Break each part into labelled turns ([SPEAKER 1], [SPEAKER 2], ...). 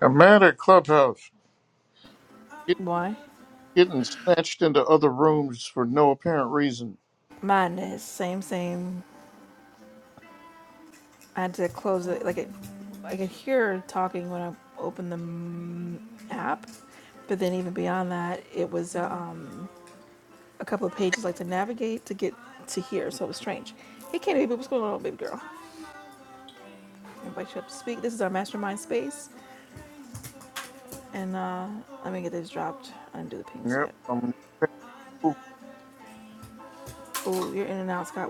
[SPEAKER 1] I'm mad at Clubhouse. It getting snatched into other rooms for no apparent reason. Yep, I'm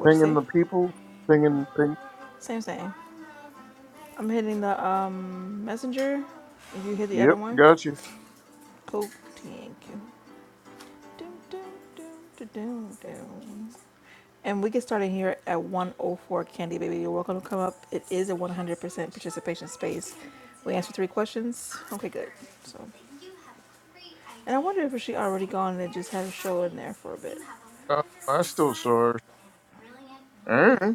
[SPEAKER 1] pinging the people, pinging, ping. Yep, got you. Uh, I still saw her. Eh?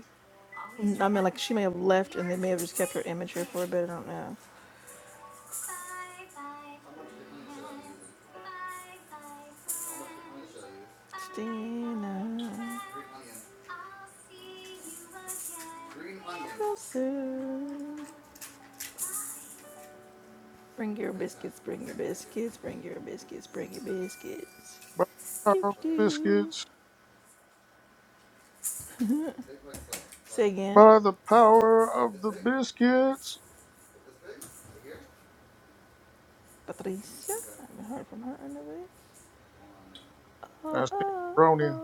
[SPEAKER 1] By the power of biscuits, by the power of the biscuits. I see Bronya.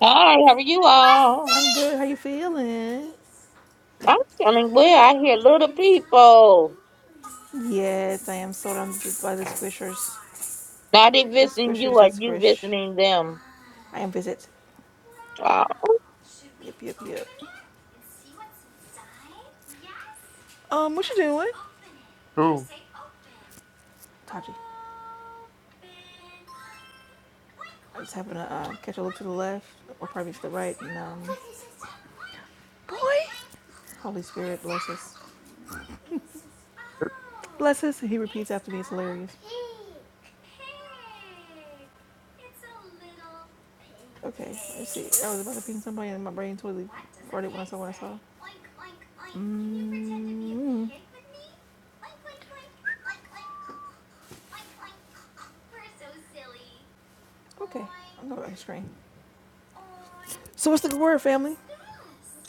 [SPEAKER 2] Hi, how are you all? I'm feeling well. I hear little people. Now they visiting you or you visiting them. Uh,
[SPEAKER 1] Who?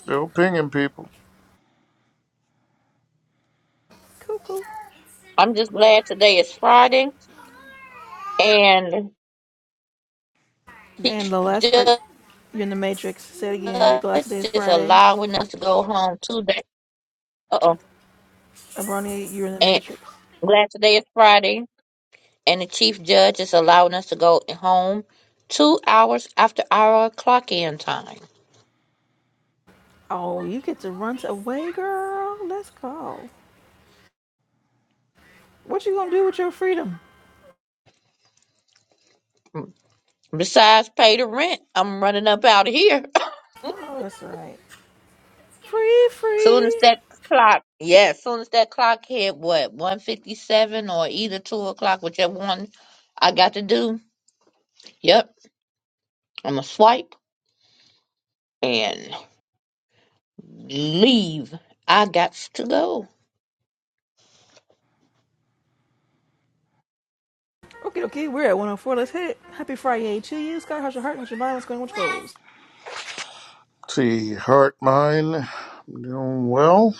[SPEAKER 1] Still pinging people.
[SPEAKER 2] I'm just glad today is Friday and Chief Judge is allowing us to go home today. Uh-oh. And glad today is Friday and the Chief Judge is allowing us to go home two hours after our clock in time. Besides pay the rent, I'm running up out of here. Soon as that clock, yeah, soon as that clock hit what, one fifty seven or either two o'clock, whichever one I got to do. Yep, I'm gonna swipe and leave. I got to go.
[SPEAKER 1] See, heart mine. I'm doing well.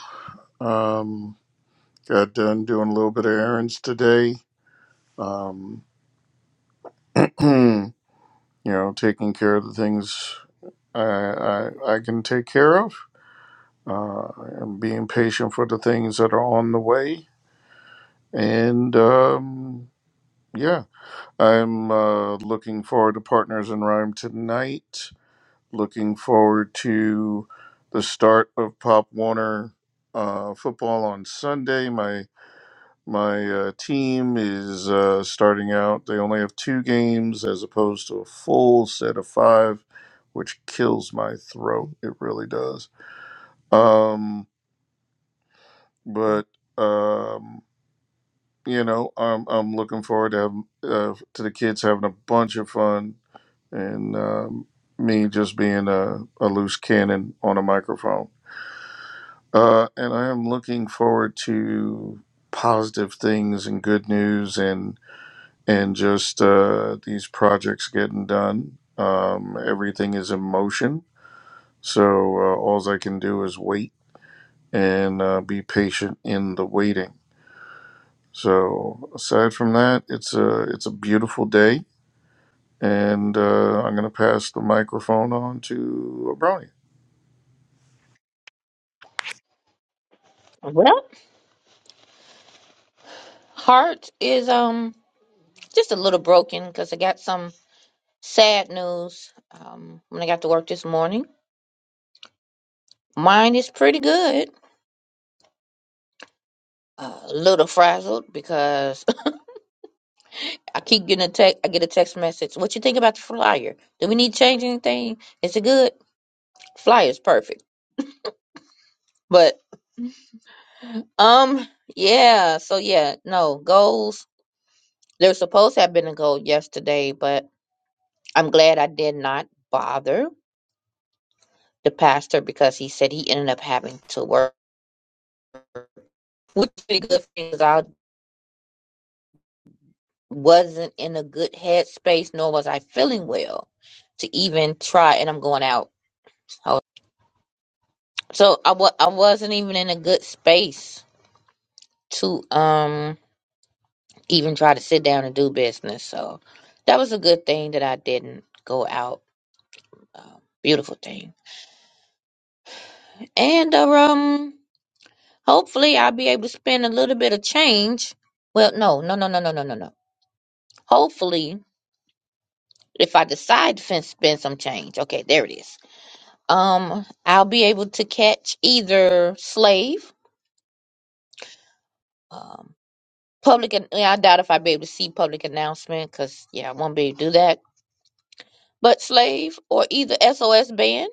[SPEAKER 1] Um, got done doing a little bit of errands today. Um, you know, taking care of the things I, I, I can take care of, uh, and being patient for the things that are on the way. And um, yeah, I'm uh, looking forward to Partners in Rhyme tonight. Looking forward to the start of Pop Warner uh, football on Sunday. My My uh, team is uh, starting out. They only have two games as opposed to a full set of five, which kills my throat. It really does. Um, but um, you know, I'm I'm looking forward to have, uh, to the kids having a bunch of fun and um, me just being a, a loose cannon on a microphone. Uh, and I am looking forward to positive things and good news and and just uh, these projects getting done. Um, everything is in motion. So uh, all I can do is wait and uh, be patient in the waiting. So aside from that, it's a it's a beautiful day, and uh, I'm gonna pass the microphone on to Abroni.
[SPEAKER 2] Well, heart is um just a little broken because I got some sad news. Um, when I got to work this morning, mine is pretty good. A little frazzled because I keep getting a text. I get a text message. What you think about the flyer? Do we need to change anything? Is it good? Flyer's perfect. But um, yeah. So yeah, no goals. There's supposed to have been a goal yesterday, but I'm glad I did not bother the pastor because he said he ended up having to work, which is pretty good because I wasn't in a good headspace, nor was I feeling well to even try. And I'm going out. So so, I wa- I wasn't even in a good space to um even try to sit down and do business. So that was a good thing that I didn't go out. Um, beautiful thing. And uh, um, hopefully I'll be able to spend a little bit of change. Well, no, no, no, no, no, no, no, no. Hopefully, if I decide to fin- spend some change, okay, there it is. Um, I'll be able to catch either slave, um, public. an- I doubt if I'll be able to see public announcement because yeah, I won't be able to do that but slave or either SOS band.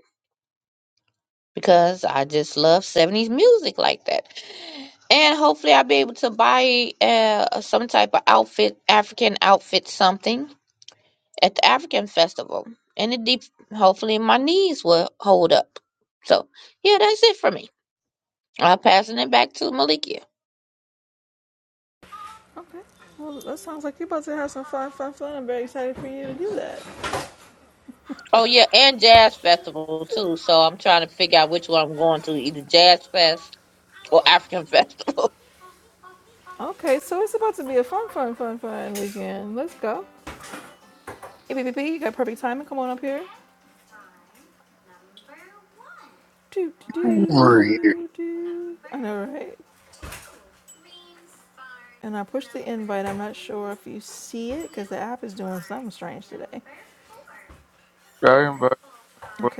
[SPEAKER 2] because I just love 70s music like that. And hopefully, I'll be able to buy uh, some type of outfit, African outfit, something at the African festival. And it deep, hopefully, my knees will hold up. So, yeah, that's it for me. I'm passing it back to Malikia. Oh, yeah, and Jazz Festival, too. So, I'm trying to figure out which one I'm going to either Jazz Fest or African Festival.
[SPEAKER 1] Over here. I invite well,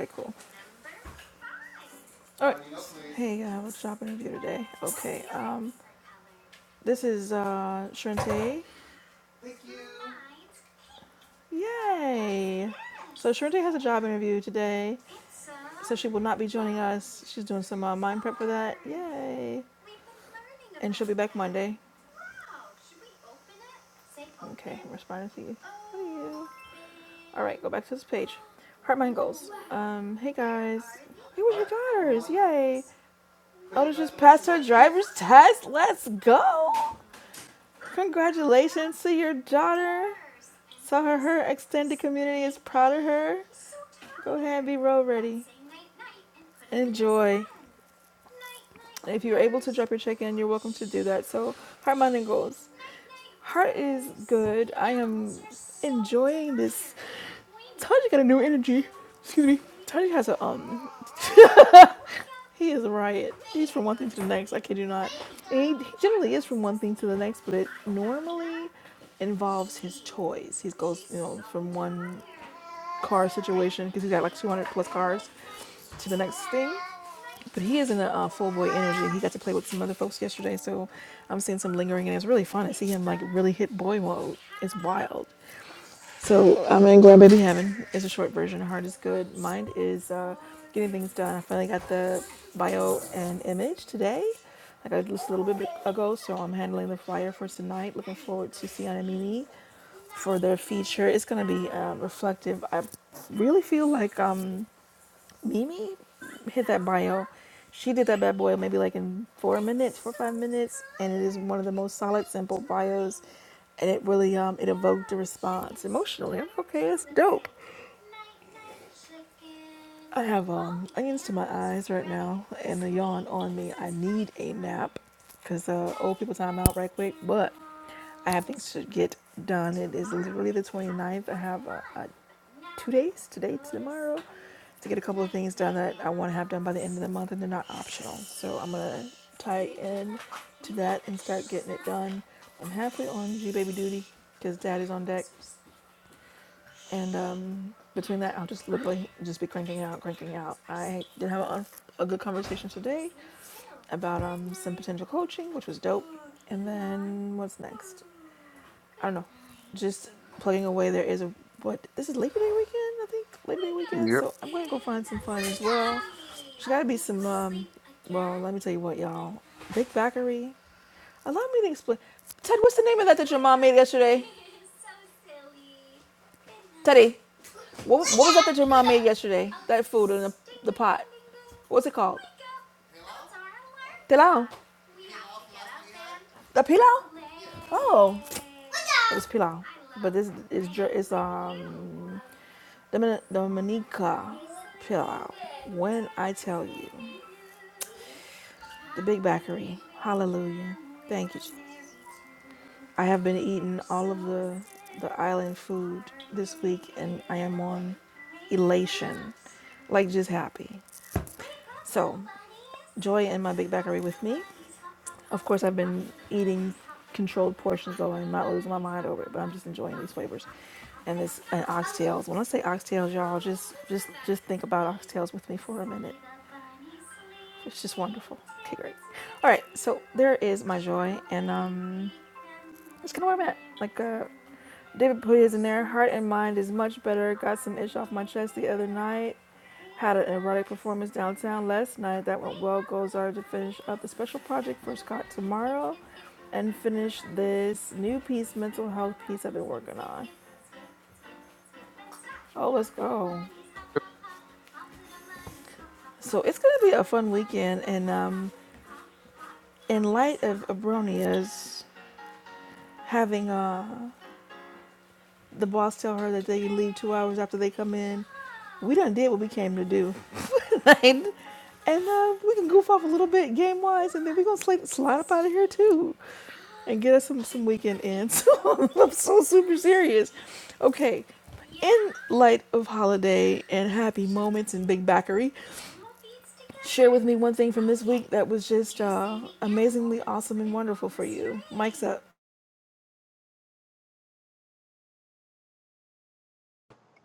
[SPEAKER 1] Yep.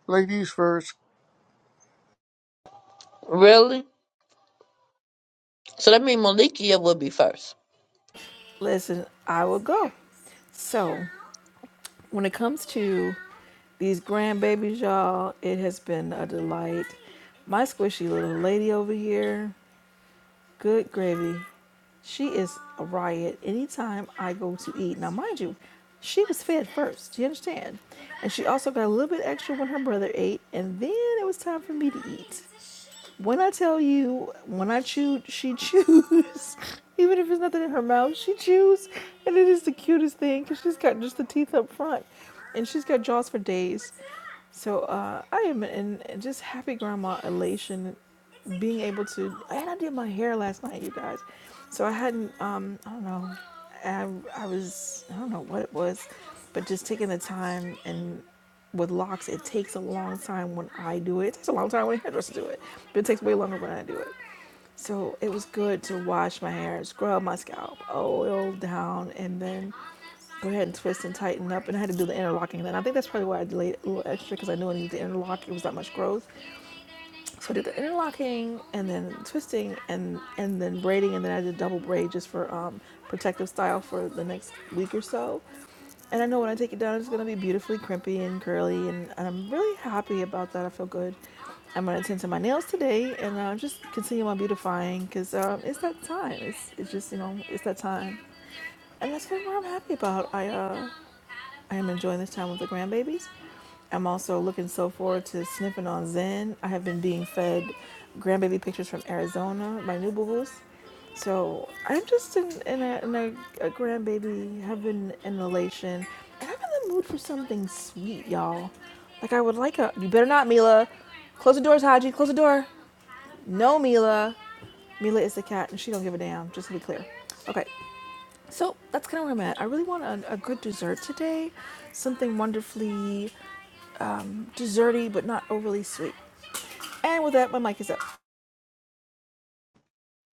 [SPEAKER 1] ladies first,
[SPEAKER 2] really? So, that means Malikia will be first.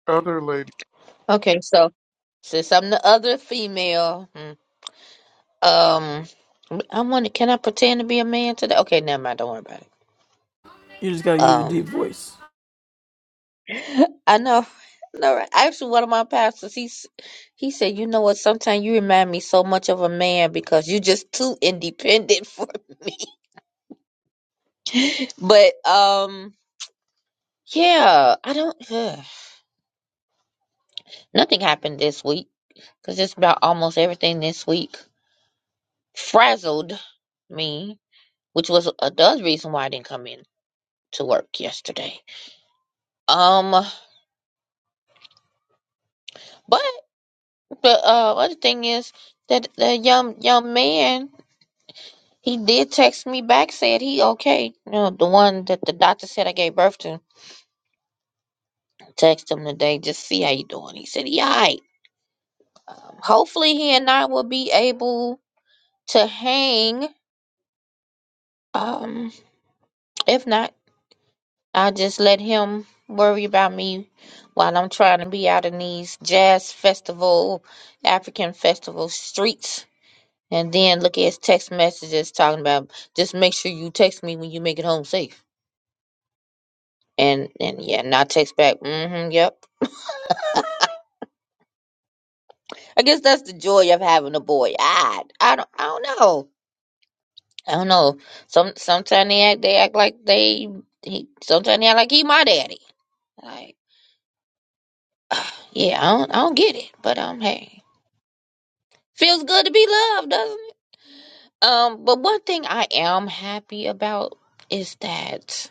[SPEAKER 1] other lady,
[SPEAKER 2] Okay. so. Since I'm the other female, hmm, um, I want to. Can I pretend to be a man today? Okay, never mind. Don't worry about it. Um, I know. No, right. actually, one of my pastors, he s- he said, you know what? Sometimes you remind me so much of a man because you're just too independent for me. But um, yeah, I don't. Ugh. nothing happened this week because just about almost everything this week frazzled me, which was another reason why I didn't come in. to work yesterday. Um, but the uh, other thing is that the young young man he did text me back, said he okay. You know, the one that the doctor said I gave birth to. Text him today, just see how you doing. He said he alright. Um, hopefully he and I will be able to hang. Um, if not, I will just let him worry about me while I'm trying to be out in these jazz festival, African festival streets And then look at his text messages talking about just make sure you text me when you make it home safe. And and yeah, not text back. Mm-hmm. Yep. I guess that's the joy of having a boy. I I don't I don't know. I don't know. Some sometimes they act they act like they he sometimes they act like he my daddy. Like yeah, I don't I don't get it. But um hey. Feels good to be loved, doesn't it? Um, but one thing I am happy about is that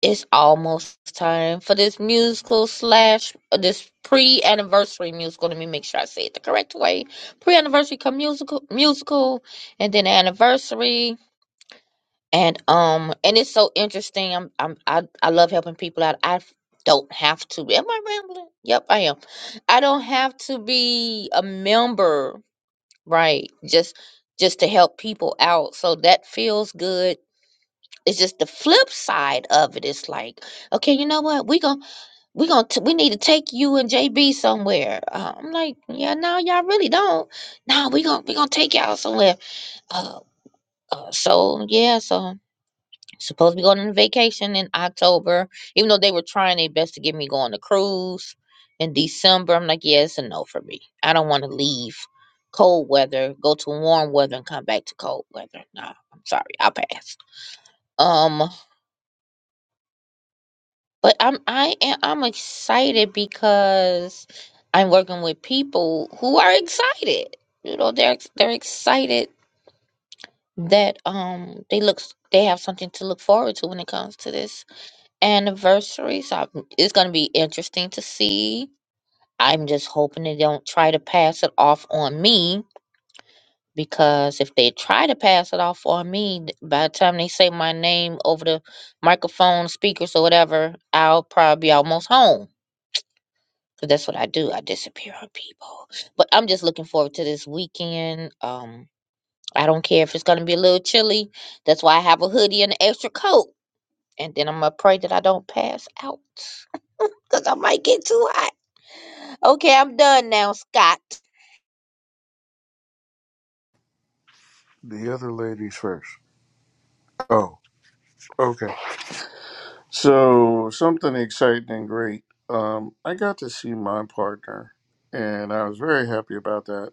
[SPEAKER 2] it's almost time for this musical slash uh, this pre-anniversary musical. Let me make sure I say it the correct way. Pre-anniversary come musical, musical, and then anniversary. And um, and it's so interesting. I'm, I'm I I love helping people out. I don't have to. Am I rambling? Yep, I am. I don't have to be a member, right? Just just to help people out. So that feels good it's just the flip side of it. It's like, okay, you know what? We gon' we gon' t- we need to take you and JB somewhere. Uh, I'm like, yeah, no, y'all really don't. No, we gon' we gonna take y'all somewhere. Uh, uh, so yeah, so supposed to be going on vacation in October. Even though they were trying their best to get me going to cruise in December, I'm like, yeah, it's a no for me. I don't want to leave cold weather, go to warm weather, and come back to cold weather. No, I'm sorry, I'll pass. Um, But I'm I am I'm excited because I'm working with people who are excited. You know, they're ex- they're excited that um they look they have something to look forward to when it comes to this anniversary. So I'm, it's going to be interesting to see. I'm just hoping they don't try to pass it off on me because if they try to pass it off on me, th- by the time they say my name over the microphone, speakers or whatever, I'll probably be almost home 'Cause that's what I do. I disappear on people. But I'm just looking forward to this weekend. Um, I don't care if it's gonna be a little chilly. That's why I have a hoodie and an extra coat. And then I'm gonna pray that I don't pass out. Cause I might get too hot. Okay, I'm done now, Scott.
[SPEAKER 1] the other ladies first. Oh, okay. So something exciting and great. Um, I got to see my partner, and I was very happy about that.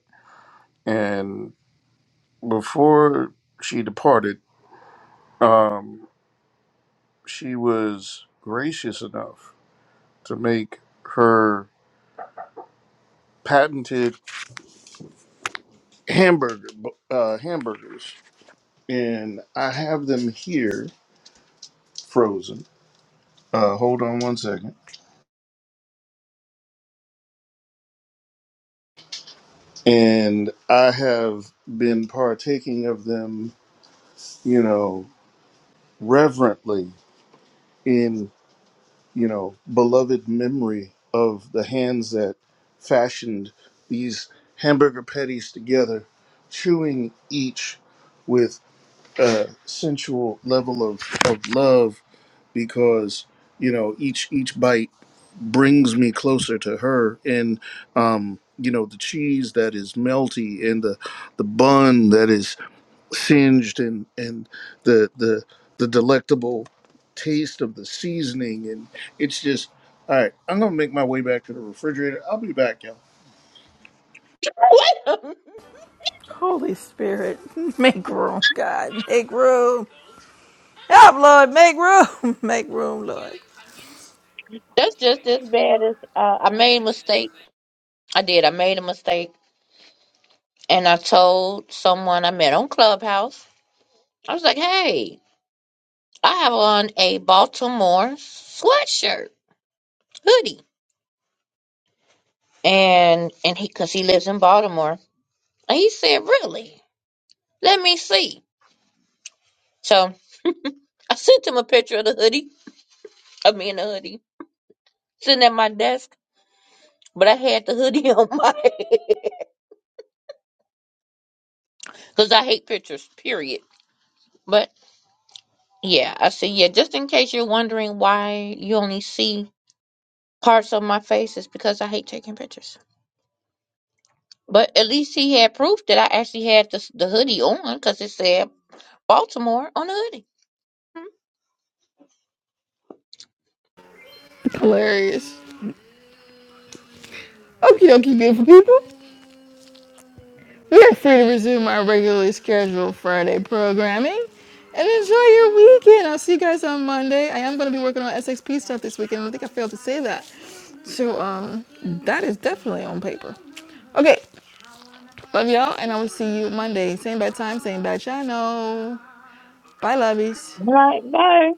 [SPEAKER 1] And before she departed, um, she was gracious enough to make her patented hamburger uh, hamburgers, and I have them here frozen. Uh, hold on one second. And I have been partaking of them, you know, reverently in you know beloved memory of the hands that fashioned these hamburger patties together, chewing each with a sensual level of, of love because you know each each bite brings me closer to her and um you know the cheese that is melty and the the bun that is singed and and the the the delectable taste of the seasoning and it's just all right i'm gonna make my way back to the refrigerator i'll be back y'all.
[SPEAKER 2] That's just as bad as uh, I made a mistake. I did. I made a mistake, and I told someone I met on Clubhouse. I was like, "Hey, I have on a Baltimore sweatshirt hoodie." and and he because he lives in Baltimore. And he said, "Really? Let me see." So I sent him a picture of the hoodie of me in the hoodie sitting at my desk, but I had the hoodie on my head because I hate pictures. Period. But yeah, I said, yeah. Just in case you're wondering why you only see parts of my face, it's because I hate taking pictures. But at least he had proof that I actually had the, the hoodie on because it said Baltimore on the hoodie. Mhm.
[SPEAKER 3] Hilarious. Okie dokie, beautiful people.
[SPEAKER 2] Right, bye.